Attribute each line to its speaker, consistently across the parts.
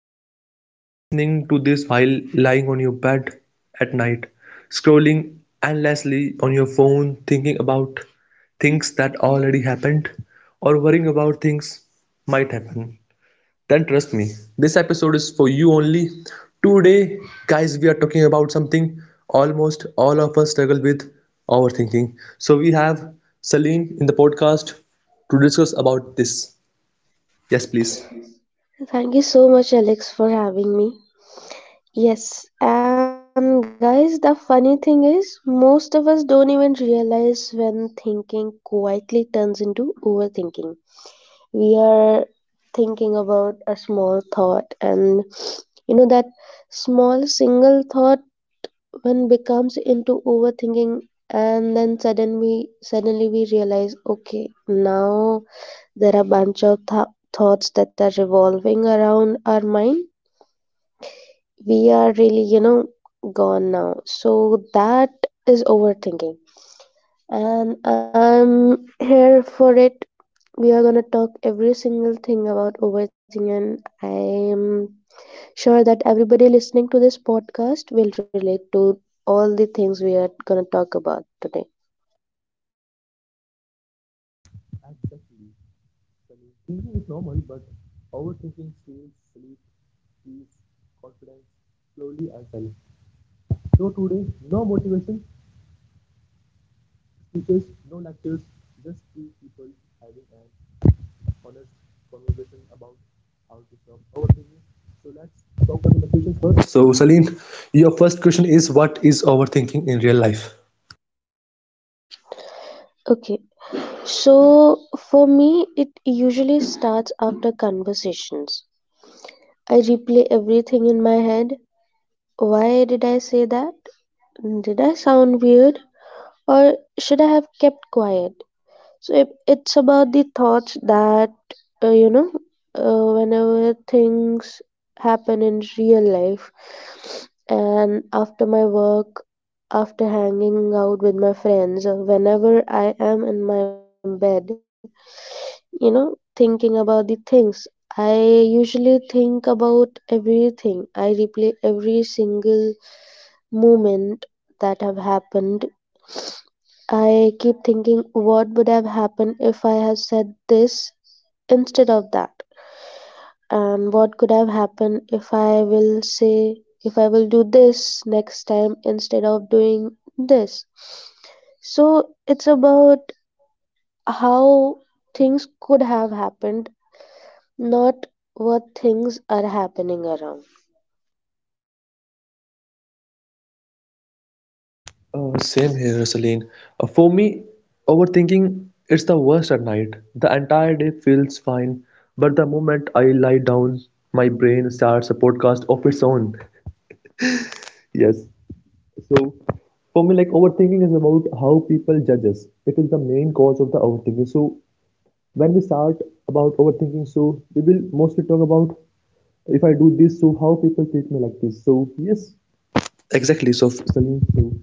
Speaker 1: guys. If you are listening to this while lying on your bed at night, scrolling endlessly on your phone, thinking about things that already happened, or worrying about things might happen, then trust me, this episode is for you only. Today, guys, we are talking about something almost all of us struggle with overthinking. So, we have Celine in the podcast to discuss about this. Yes, please.
Speaker 2: Thank you so much, Alex, for having me. Yes, and guys, the funny thing is, most of us don't even realize when thinking quietly turns into overthinking. We are thinking about a small thought, and that small single thought when becomes into overthinking, and then suddenly we realize, okay, now there are bunch of thoughts that are revolving around our mind, we are really gone now. So that is overthinking. And I'm here for it. We are gonna talk every single thing about overthinking. I'm sure that everybody listening to this podcast will relate to all the things we are gonna talk about today.
Speaker 1: Exactly. Sunny. Thinking is normal, but overthinking steals sleep, peace, confidence, slowly and self. So today, no motivation speeches, no lectures, just two people having an honest conversation about how to stop overthinking. So let's talk about the questions first. So Saleen, your first question is what is overthinking in real life?
Speaker 2: Okay, so for me, it usually starts after conversations. I replay everything in my head. Why did I say that? Did I sound weird? Or should I have kept quiet? So it's about the thoughts that, uh, you know, whenever things happen in real life, and after my work, after hanging out with my friends, or whenever I am in my bed, thinking about the things, I usually think about everything. I replay every single moment that have happened. I keep thinking, what would have happened if I have said this instead of that? And what could have happened if if I will do this next time instead of doing this? So it's about how things could have happened, not what things are happening around.
Speaker 1: Same here, Celine. For me, overthinking it's the worst at night. The entire day feels fine, but the moment I lie down, my brain starts a podcast of its own. Yes. So, for me, like overthinking is about how people judge us. It is the main cause of the overthinking. So, when we start about overthinking, so we will mostly talk about if I do this, so how people treat me like this. So, yes, exactly. So, Celine, so.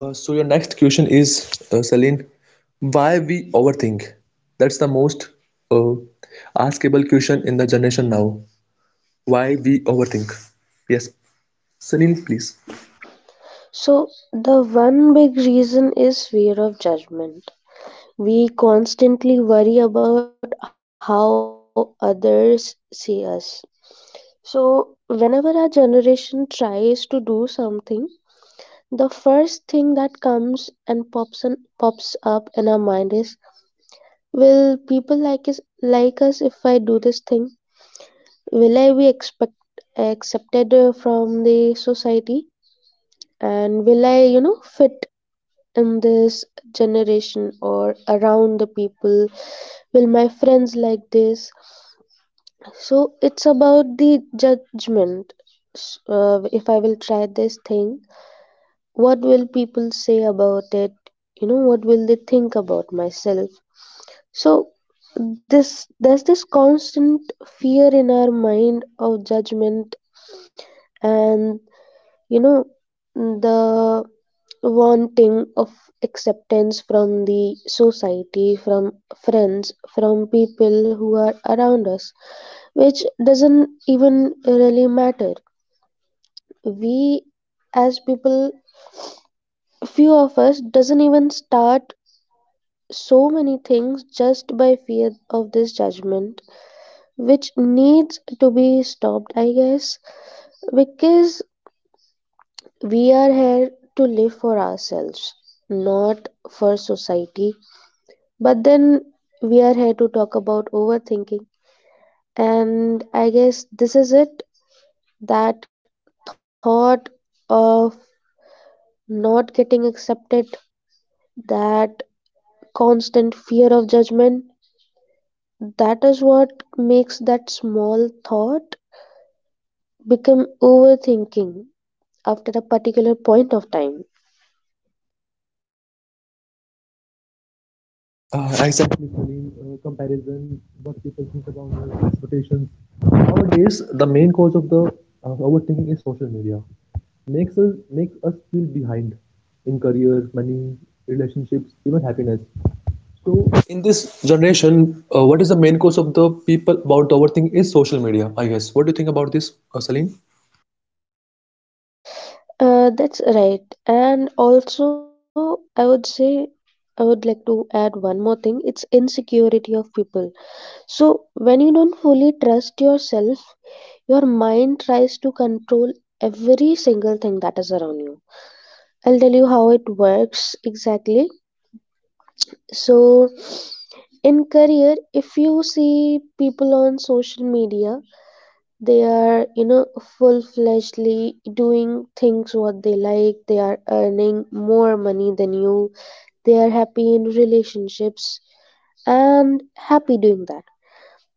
Speaker 1: So your next question is, Celine, why we overthink? That's the most uh, askable question in the generation now. Why we overthink? Yes, Celine, please.
Speaker 2: So the one big reason is fear of judgment. We constantly worry about how others see us. So, whenever our generation tries to do something, the first thing that comes and pops up in our mind is, will people like us if I do this thing? Will I be expect accepted from the society? And will I, fit in this generation or around the people? Will my friends like this? So it's about the judgment. If I will try this thing, what will people say about it? What will they think about myself? So this there's this constant fear in our mind of judgment and you know the wanting of acceptance from the society, from friends, from people who are around us, which doesn't even really matter. We as people, few of us doesn't even start so many things just by fear of this judgment, which needs to be stopped, I guess, because we are here to live for ourselves, not for society. But then we are here to talk about overthinking, and I guess this is it, that thought of not getting accepted, that constant fear of judgment. That is what makes that small thought become overthinking after a particular point of time.
Speaker 1: Exactly, Celine. Comparison, what people think about us, expectations. Nowadays, the main cause of the overthinking is social media. Makes us feel behind in career, money, relationships, even happiness. So in this generation, what is the main cause of the people about overthinking is social media, I guess. What do you think about this, Salim?
Speaker 2: That's right. And also, I would like to add one more thing, it's insecurity of people. So, when you don't fully trust yourself, your mind tries to control every single thing that is around you. I'll tell you how it works exactly. So, in career, if you see people on social media, they are, full fledgedly doing things what they like, they are earning more money than you, they are happy in relationships and happy doing that.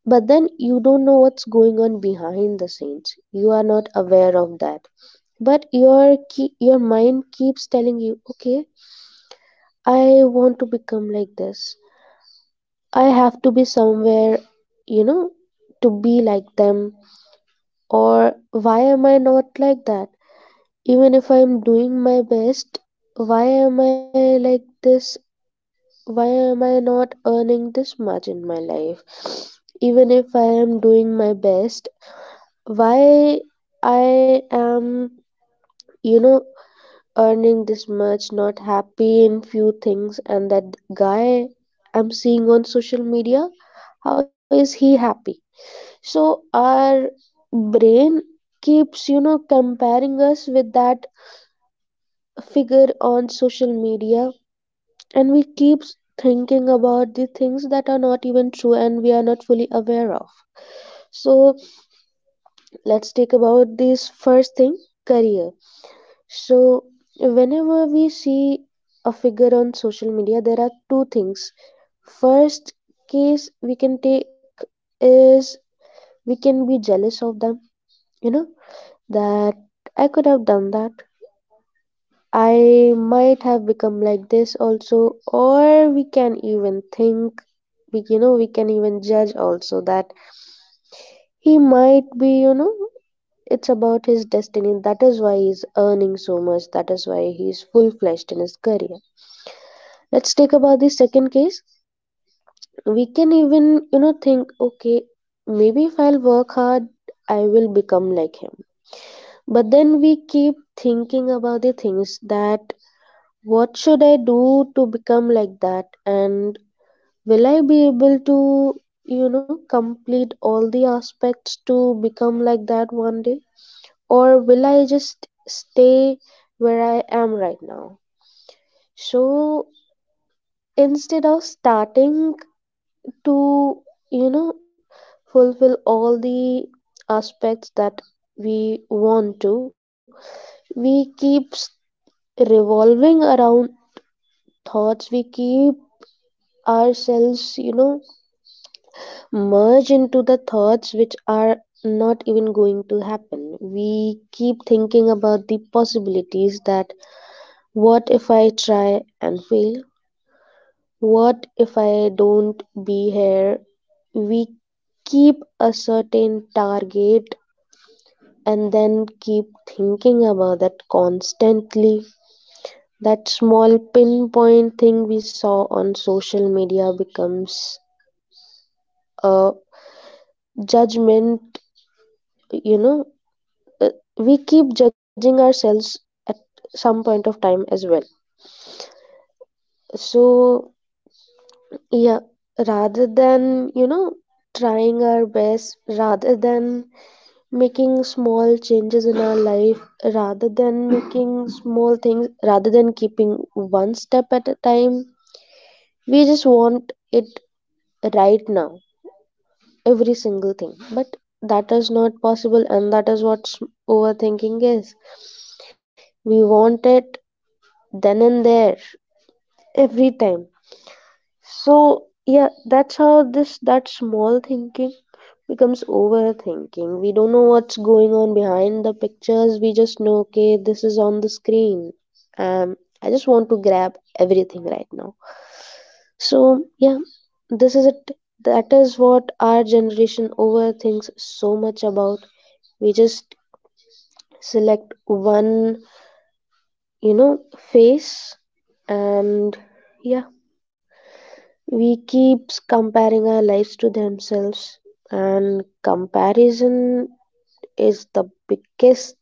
Speaker 2: But then you don't know what's going on behind the scenes. You are not aware of that. But your mind keeps telling you, okay, I want to become like this. I have to be somewhere, you know, to be like them. Or why am I not like that? Even if I'm doing my best, why am I like this? Why am I not earning this much in my life? Even if I am doing my best, why I am, you know, earning this much, not happy in few things, and that guy I'm seeing on social media, how is he happy? So our brain keeps, comparing us with that figure on social media, and we keeps thinking about the things that are not even true and we are not fully aware of. So let's take about this first thing, career. So, whenever we see a figure on social media, there are two things. First case we can take is, we can be jealous of them, you know, that I could have done that. I might have become like this also, or we can even think, we can even judge also that he might be. It's about his destiny. That is why he's earning so much. That is why he's full fledged in his career. Let's take about the second case. We can even, think, okay, maybe if I'll work hard, I will become like him. But then we keep thinking about the things that, what should I do to become like that? And will I be able to, complete all the aspects to become like that one day? Or will I just stay where I am right now? So instead of starting to, you know, fulfill all the aspects that we want to, we keep revolving around thoughts, we keep ourselves, merge into the thoughts which are not even going to happen. We keep thinking about the possibilities that, what if I try and fail? What if I don't be here? We keep a certain target and then keep thinking about that constantly. That small pinpoint thing we saw on social media becomes a judgment, you know. uh, We keep judging ourselves at some point of time as well. So, yeah, rather than, trying our best, rather than making small changes in our life, rather than making small things, rather than keeping one step at a time, we just want it right now, every single thing. But that is not possible, and that is what overthinking is. We want it then and there, every time. So yeah, that's how this that small thinking becomes overthinking. We don't know what's going on behind the pictures. We just know, okay, this is on the screen. Um, I just want to grab everything right now. So yeah, this is it. That is what our generation overthinks so much about. We just select one, you know, face. And yeah, we keeps comparing our lives to themselves, and comparison is the biggest,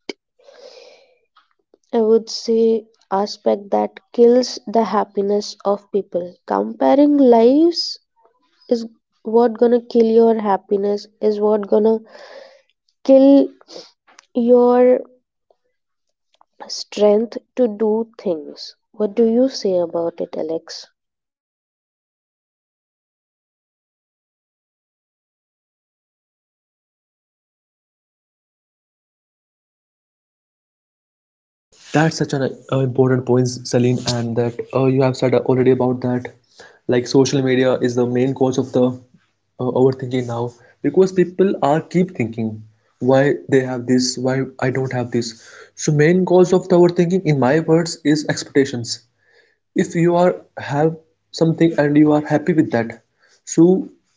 Speaker 2: I would say, aspect that kills the happiness of people. Comparing lives is what gonna kill your happiness, is what gonna kill your strength to do things. What do you say about it, Alex?
Speaker 1: That's such an important point, Salim, and that you have said already about that. Like social media is the main cause of the overthinking now because people are keep thinking why they have this, why I don't have this. So main cause of the overthinking, in my words, is expectations. If you are have something and you are happy with that, so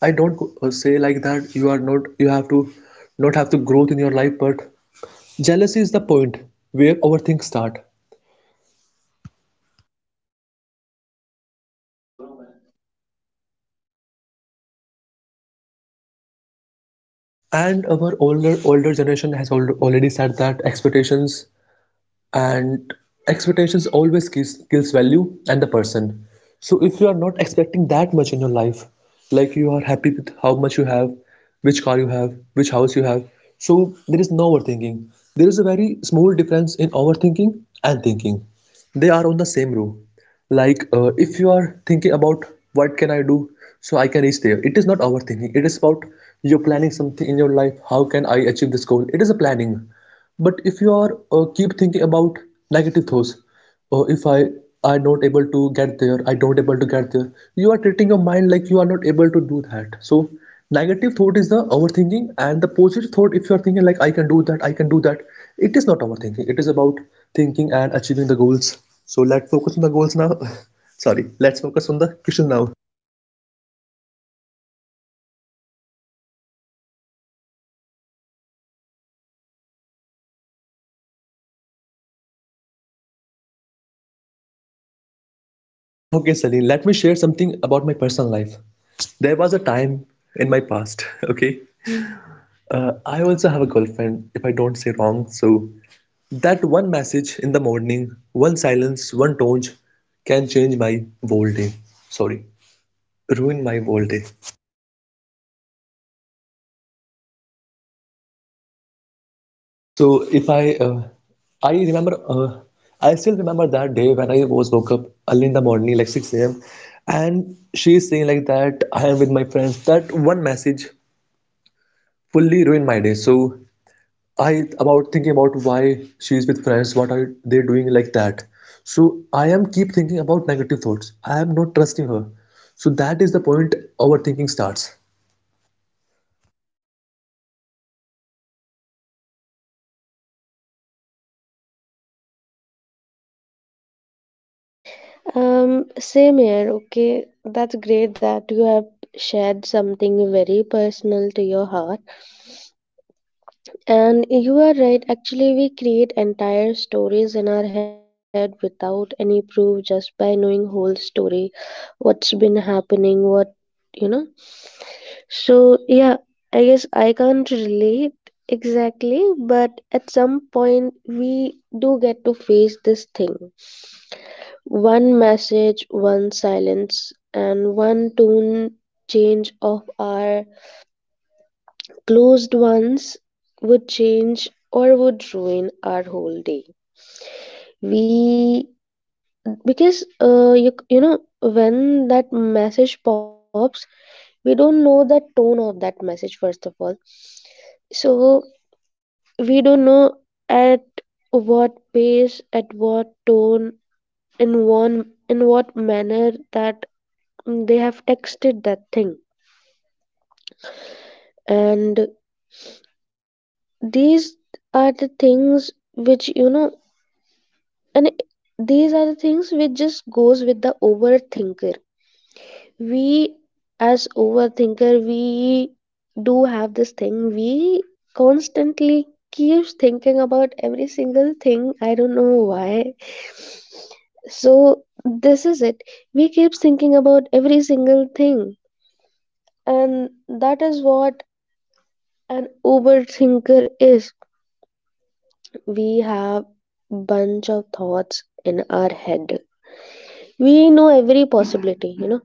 Speaker 1: I don't say like that you are not, you have to not have to growth in your life, but jealousy is the point where our things start, and our older generation has already said that expectations and expectations always kills value and the person. So if you are not expecting that much in your life, like you are happy with how much you have, which car you have, which house you have, so there is no overthinking. There is a very small difference in overthinking and thinking. They are on the same row. Like if you are thinking about what can I do so I can reach there, it is not overthinking. It is about you're planning something in your life. How can I achieve this goal? It is a planning. But if you are keep thinking about negative thoughts, if I are not able to get there, I don't able to get there, you are treating your mind like you are not able to do that. So negative thought is the overthinking, and the positive thought, if you are thinking like I can do that, I can do that, it is not overthinking. It is about thinking and achieving the goals. So let's focus on the goals now. Sorry, let's focus on the question now. Okay, Salim, let me share something about my personal life. There was a time in my past, okay? I also have a girlfriend, if I don't say wrong. So, that one message in the morning, one silence, one tone can change my whole day. Sorry, ruin my whole day. So if I remember, I still remember that day when I was woke up early in the morning, like 6 a.m. And she is saying like that, I am with my friends. That one message fully ruined my day. So I about thinking about why she is with friends, what are they doing like that. So I am keep thinking about negative thoughts. I am not trusting her. So that is the point overthinking starts.
Speaker 2: Same here. Okay, that's great that you have shared something very personal to your heart. And you are right, actually, we create entire stories in our head without any proof, just by knowing whole story, what's been happening, what you know. So, yeah, I guess I can't relate exactly, but at some point, we do get to face this thing. One message, one silence, and one tone change of our closed ones would change or would ruin our whole day. We, because when that message pops, we don't know the tone of that message first of all. So we don't know at what pace, at what tone, in what manner that they have texted that thing, and these are the things which you know, and these are the things which just goes with the overthinker. We, as overthinker, we do have this thing, we constantly keeps thinking about every single thing, I don't know why. So this is it. We keeps thinking about every single thing, and that is what an overthinker is. We have bunch of thoughts in our head, we know every possibility,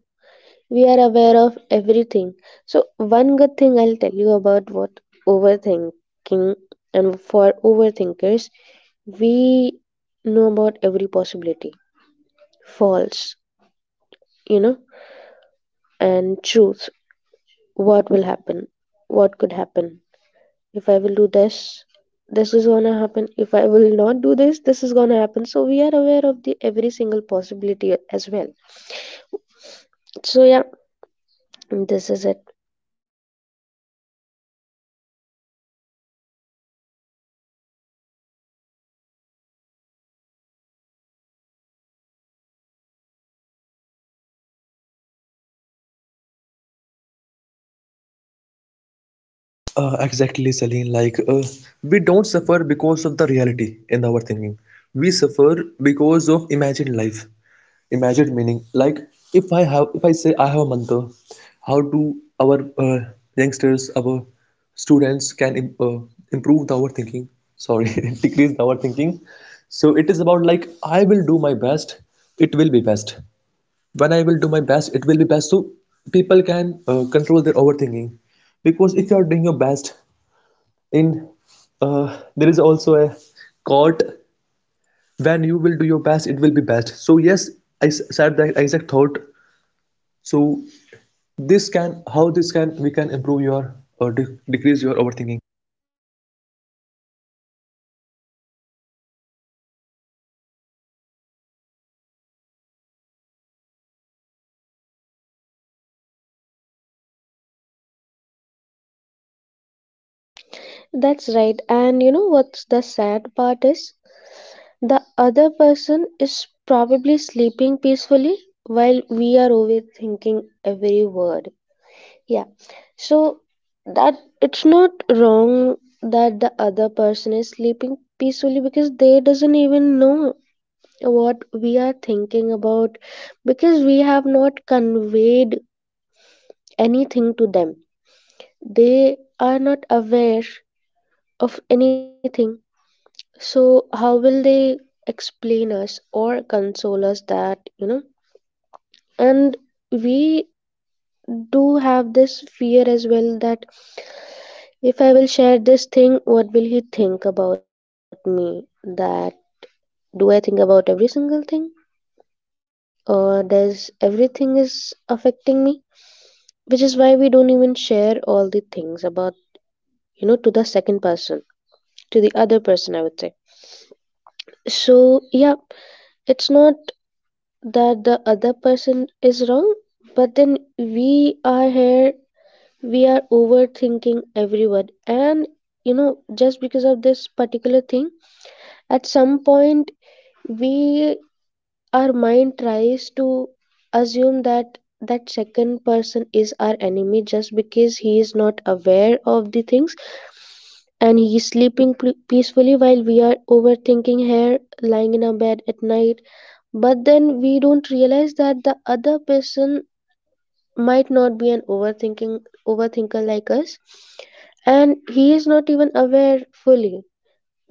Speaker 2: we are aware of everything. So one good thing I'll tell you about what overthinking and for overthinkers, we know about every possibility, false you know and truth. What will happen, what could happen. If I will do this, this is gonna happen. If I will not do this, this is gonna happen. So we are aware of the every single possibility as well. So yeah, this is it.
Speaker 1: Exactly, Celine. We don't suffer because of the reality in our thinking. We suffer because of imagined life, imagined meaning. Like, if I have, if I say I have a mantra, how do our youngsters, our students can improve the overthinking? Sorry, decrease the overthinking. So it is about like I will do my best. It will be best. When I will do my best, it will be best. So people can control their overthinking, because if you are doing your best in there is also a court, when you will do your best it will be best. So yes, I said that exact thought. So this can how this can we can improve your or decrease your overthinking.
Speaker 2: That's right. And you know what's the sad part is? The other person is probably sleeping peacefully while we are overthinking every word. Yeah. So that it's not wrong that the other person is sleeping peacefully because they doesn't even know what we are thinking about, because we have not conveyed anything to them. They are not aware of anything. So, how will they explain us or console us that? And we do have this fear as well that if I will share this thing, what will he think about me? That do I think about every single thing? Or does everything is affecting me? Which is why we don't even share all the things about, to the second person, to the other person I would say. So yeah, it's not that the other person is wrong, but then we are here, we are overthinking every word and, just because of this particular thing, at some point we, our mind tries to assume that that second person is our enemy just because he is not aware of the things and he is sleeping peacefully while we are overthinking here lying in our bed at night. But then we don't realize that the other person might not be an overthinking overthinker like us, and he is not even aware fully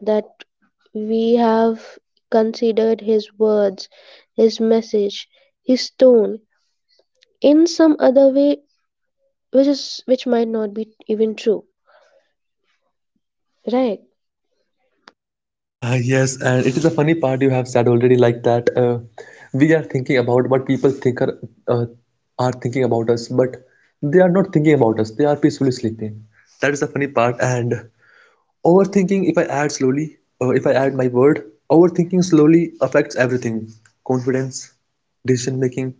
Speaker 2: that we have considered his words, his message, his tone in some other way, which is which might not be even true. Right,
Speaker 1: Yes, and it is a funny part you have said already like that, we are thinking about what people think uh, are thinking about us, but they are not thinking about us. They are peacefully sleeping. That is the funny part. And overthinking, if I add slowly, or if I add my word, overthinking slowly affects everything: confidence, decision making,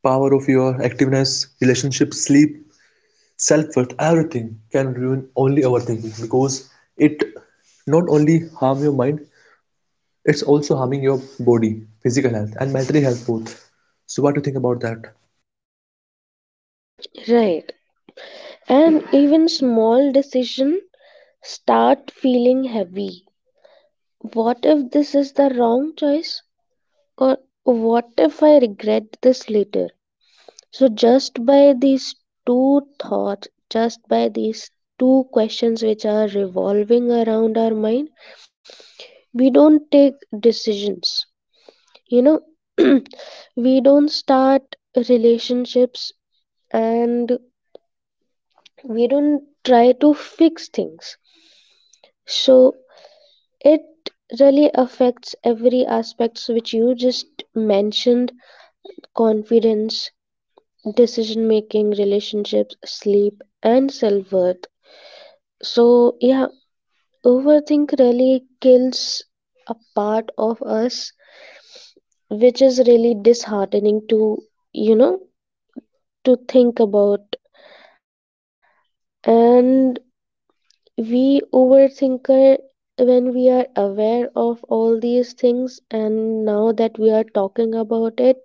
Speaker 1: power of your activeness, relationships, sleep, self worth. Everything can ruin only overthinking, because it not only harm your mind, it's also harming your body, physical health, and mental health both. So, what do you think about that?
Speaker 2: right. And even small decision start feeling heavy. What if this is the wrong choice? Or what if I regret this later? So just by these two thoughts, just by these two questions which are revolving around our mind, we don't take decisions. You know, we don't start relationships, and we don't try to fix things. So it really affects every aspects which you just mentioned: confidence, decision making, relationships, sleep, and self worth. So, yeah, overthink really kills a part of us, which is really disheartening to, you know, to think about. And we overthinker, when we are aware of all these things, and now that we are talking about it,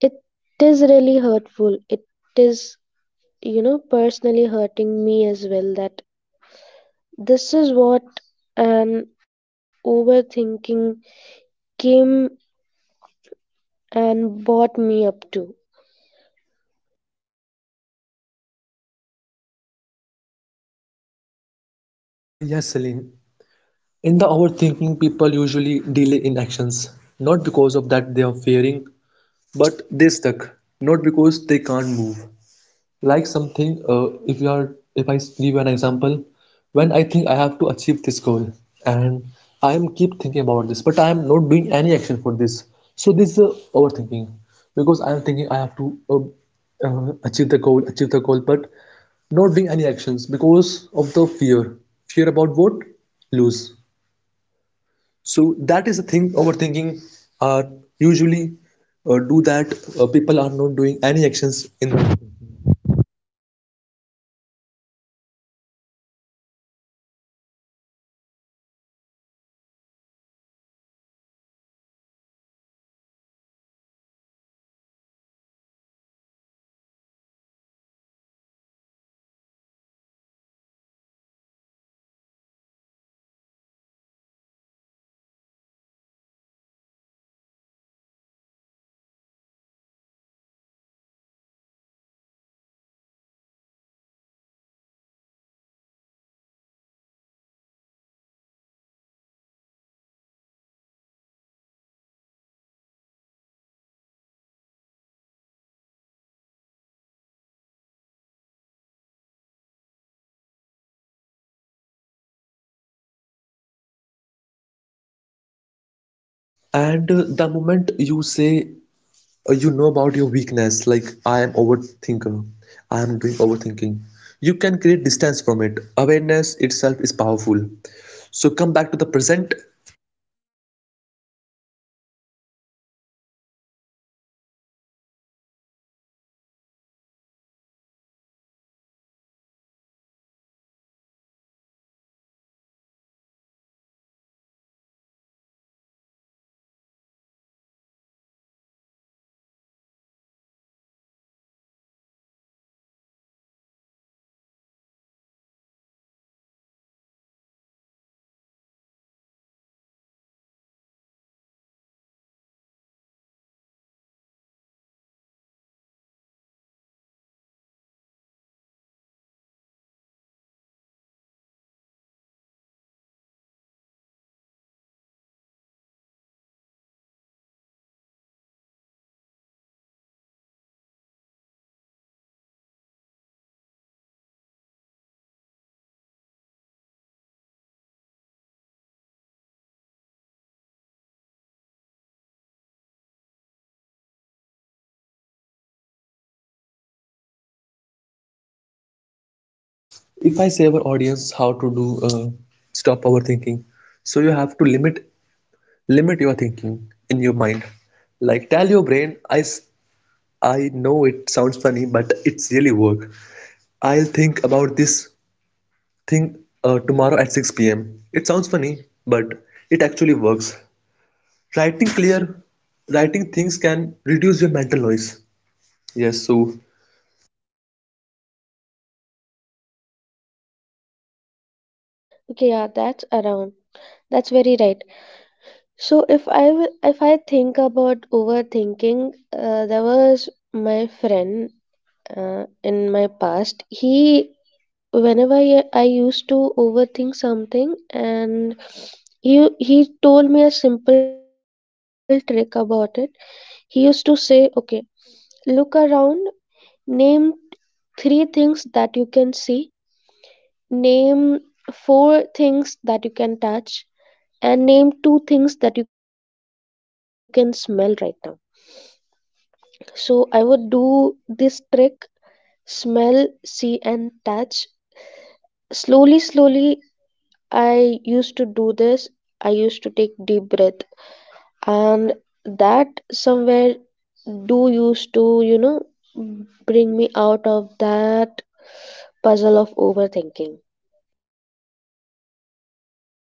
Speaker 2: it is really hurtful. It is, you know, personally hurting me as well that this is what an overthinking came and bought me up to.
Speaker 1: Ah yes, Celine. In the overthinking, people usually delay in actions, not because of that they are fearing. But they stuck, not because they can't move. Like something, if you are, if I give an example, when I think I have to achieve this goal, and I am keep thinking about this, but I am not doing any action for this. So this is overthinking, because I am thinking I have to achieve the goal, but not doing any actions because of the fear. Fear about what? Lose. So that is the thing. Overthinking are usually do that. People are not doing any actions in that. And the moment you say you know about your weakness, like I am overthinker, I am doing overthinking, you can create distance from it. Awareness itself is powerful. So come back to the present. If I say our audience how to do stop overthinking, so you have to limit your thinking in your mind. Like tell your brain, I know it sounds funny, but it's really work. I'll think about this thing tomorrow at 6 pm. It sounds funny, but it actually works. Writing clear, writing things can reduce your mental noise. Yes, so
Speaker 2: Okay, yeah, that's around. That's very right. So if if I think about overthinking, there was my friend in my past. He, whenever I used to overthink something, and he told me a simple trick about it. He used to say, "Okay, look around, name three things that you can see, name four things that you can touch, and name two things that you can smell right now." So I would do this trick: smell, see, and touch. Slowly, slowly, I used to do this. I used to take deep breath, and that somewhere do used to, you know, bring me out of that puzzle of overthinking.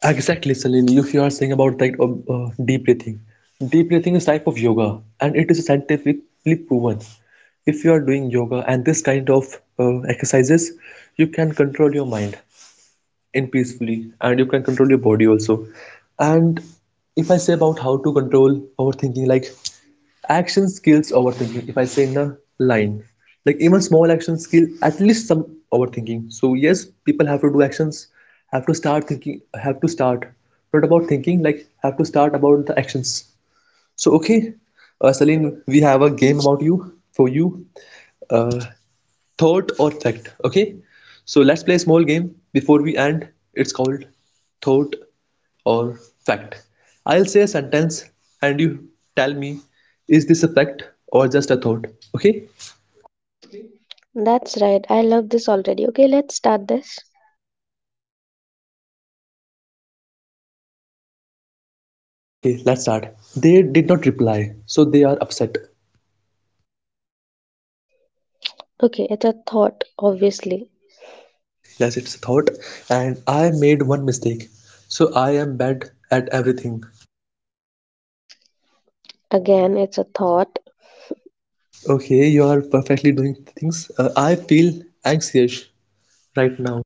Speaker 1: exactly, Salil. If you are saying about that deep breathing is type of yoga, and it is scientifically proven. If you are doing yoga and this kind of exercises, you can control your mind and peacefully, and you can control your body also. And if I say about how to control overthinking, like action skills overthinking, if I say in a line, like even small action skill at least some overthinking. So yes, people have to do actions, have to start thinking, have to start not about thinking, like have to start about the actions. So okay, Salim, we have a game about you, for you, uh, thought or fact, okay? So let's play a small game before we end. It's called thought or fact. I'll say a sentence, and you tell me, is this a fact or just a thought? Okay.
Speaker 2: That's right. I love this already. Okay, let's start this.
Speaker 1: Okay, let's start. They did not reply, so they are upset.
Speaker 2: Okay, it's a thought, obviously.
Speaker 1: Yes, it's a thought. And I made one mistake, so I am bad at everything.
Speaker 2: Again, it's a thought.
Speaker 1: Okay, you are perfectly doing things. I feel anxious right now.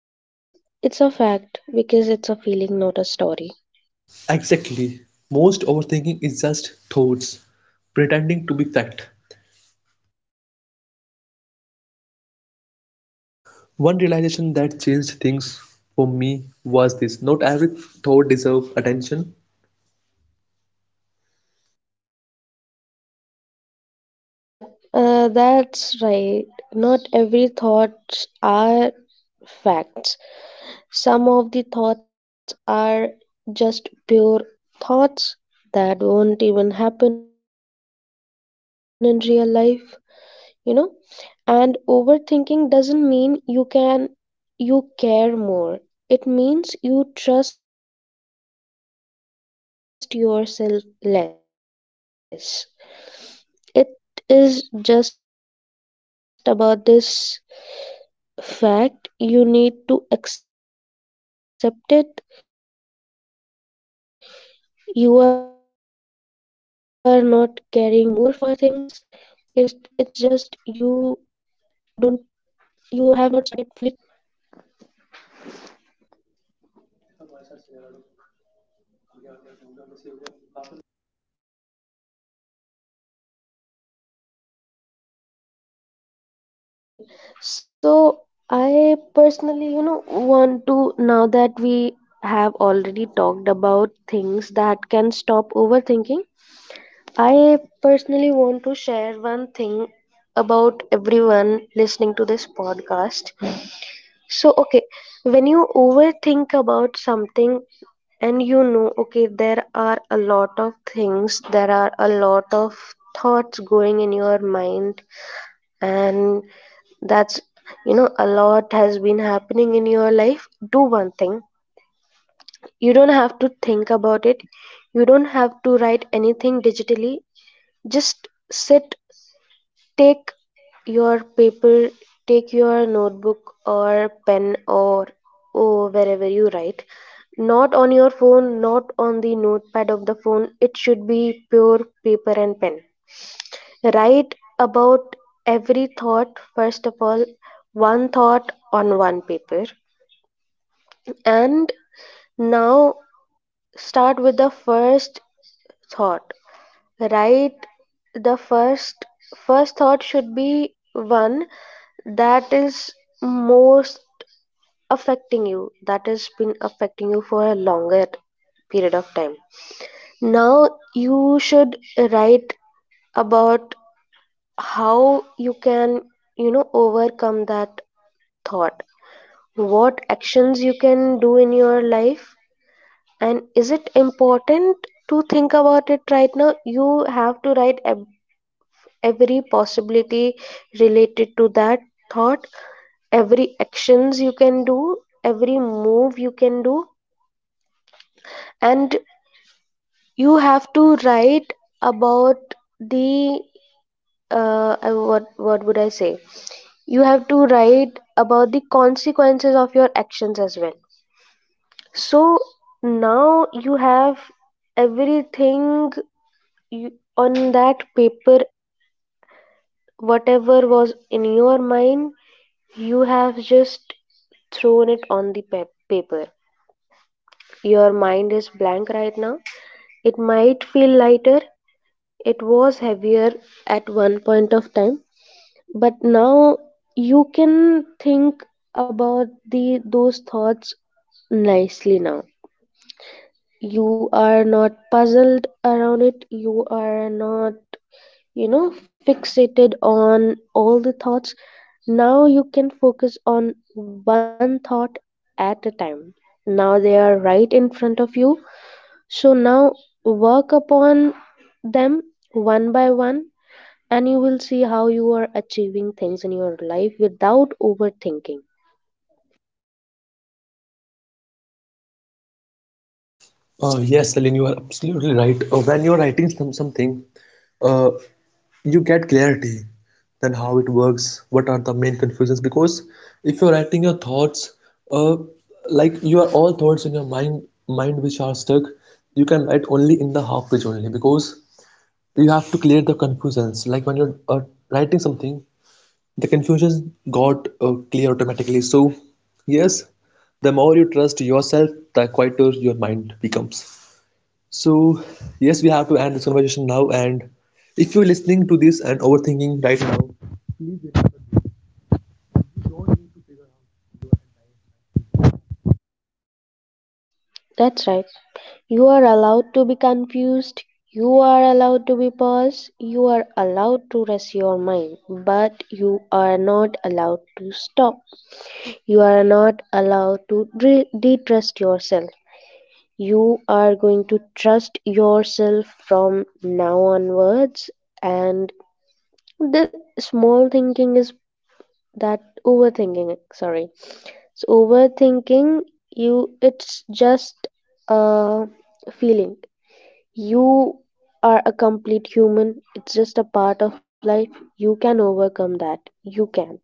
Speaker 2: Okay, it's a fact because it's a feeling, not a story.
Speaker 1: Exactly. Most overthinking is just thoughts pretending to be fact. One realization that changed things for me was this: not every thought deserves attention.
Speaker 2: Yeah, that's right. Not every thoughts are facts. Some of the thoughts are just pure thoughts that won't even happen in real life, you know? And overthinking doesn't mean you care more. It means you trust yourself less. It is just about this fact, you need to accept it. You are not caring more for things, it's just you don't, you have not started fully trusting yourself. Okay, so I want to, okay, so I personally, you know, want to, now that we have already talked about things that can stop overthinking, I personally want to share one thing about everyone listening to this podcast. So, okay, when you overthink about something, and you know, okay, there are a lot of things, there are a lot of thoughts going in your mind, and that's, you know, a lot has been happening in your life. Do one thing: you don't have to think about it, you don't have to write anything digitally, just sit, take your paper, take your notebook or pen or oh, wherever you write. Not on your phone, not on the notepad of the phone. It should be pure paper and pen. Write about every thought, first of all, one thought on one paper. And now start with the first thought. Right, the first thought should be one that is most affecting you, that has been affecting you for a longer period of time. Now you should write about how you can, you know, overcome that thought, what actions you can do in your life, and is it important to think about it right now. You have to write every possibility related to that thought, every actions you can do, every move you can do, and you have to write about the what would I say, you have to write about the consequences of your actions as well. So now you have everything, you, on that paper, whatever was in your mind. You have just thrown it on the paper. Your mind is blank right now. It might feel lighter. It was heavier at one point of time, but now you can think about the those thoughts nicely now. You are not puzzled around it. You are not, you know, fixated on all the thoughts. Now you can focus on one thought at a time. Now they are right in front of you. So now work upon them one by one, and you will see how you are achieving things in your life without overthinking.
Speaker 1: Yes, Aline, you are absolutely right. When you are writing something, uh, you get clarity. Then how it works, what are the main confusions? Because if you're writing your thoughts, uh, like you are all thoughts in your mind which are stuck, you can write only in the half page only, because you have to clear the confusions. Like when you're writing something, the confusion got clear automatically. So yes, the more you trust yourself, the quieter your mind becomes. So yes, we have to end this conversation now, and if you're listening to this and overthinking right now.
Speaker 2: That's right. You are allowed to be confused. You are allowed to be paused. You are allowed to rest your mind. But you are not allowed to stop. You are not allowed to detrust yourself. You are going to trust yourself from now onwards. And the small thinking is that overthinking. Sorry. So overthinking, you, it's just a feeling, you are a complete human. It's just a part of life. You can overcome that. You can.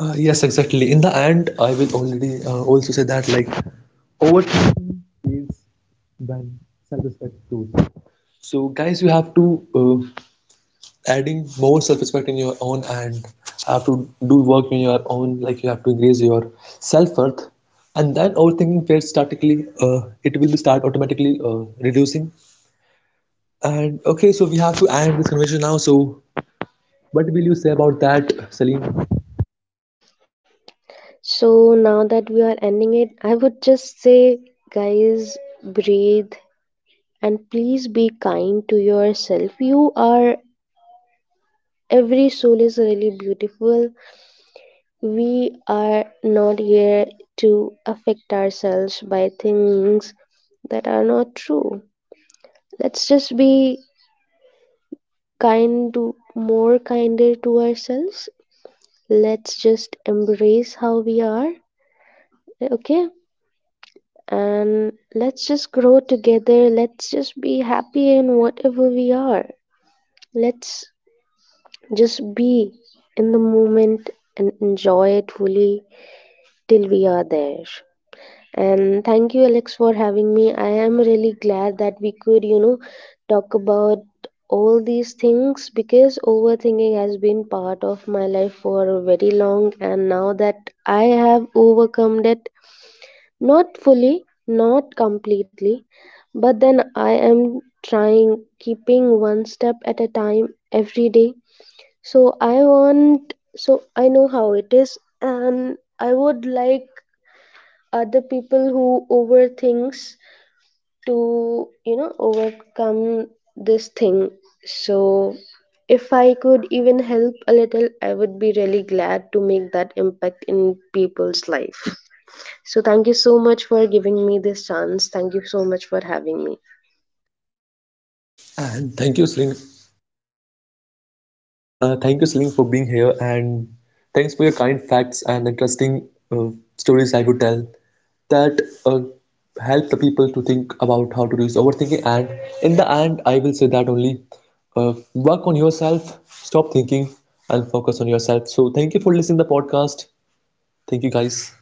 Speaker 1: Yes, exactly, in the end I will already also say that like overthinking is when self-respect grows. So guys, you have to uh, adding more self-respect in your own, and have to do work in your own, like you have to increase your self-worth, and then overthinking will statically it will start automatically reducing. And okay, so we have to end this conversation now. So what will you say about that, Salim?
Speaker 2: So now that we are ending it, I would just say, guys, breathe and please be kind to yourself. You are, every soul is really beautiful. We are not here to affect ourselves by things that are not true. Let's just be kind to more kinder to ourselves, let's just embrace how we are, okay, and let's just grow together, let's just be happy in whatever we are, let's just be in the moment and enjoy it fully till we are there. And thank you, Alex, for having me. I am really glad that we could, you know, talk about all these things, because overthinking has been part of my life for very long. And now that I have overcome it, not fully, not completely, but then I am trying, keeping one step at a time every day. So I know how it is, and I would like other people who overthinks to, you know, overcome this thing. So if I could even help a little, I would be really glad to make that impact in people's life. So thank you so much for giving me this chance, thank you so much for having me.
Speaker 1: And thank you, Salim. Thank you, Selim, for being here, and thanks for your kind facts and interesting stories I would tell that help the people to think about how to reduce overthinking. And in the end, I will say that only work on yourself, stop thinking, and focus on yourself. So, thank you for listening to the podcast. Thank you, guys.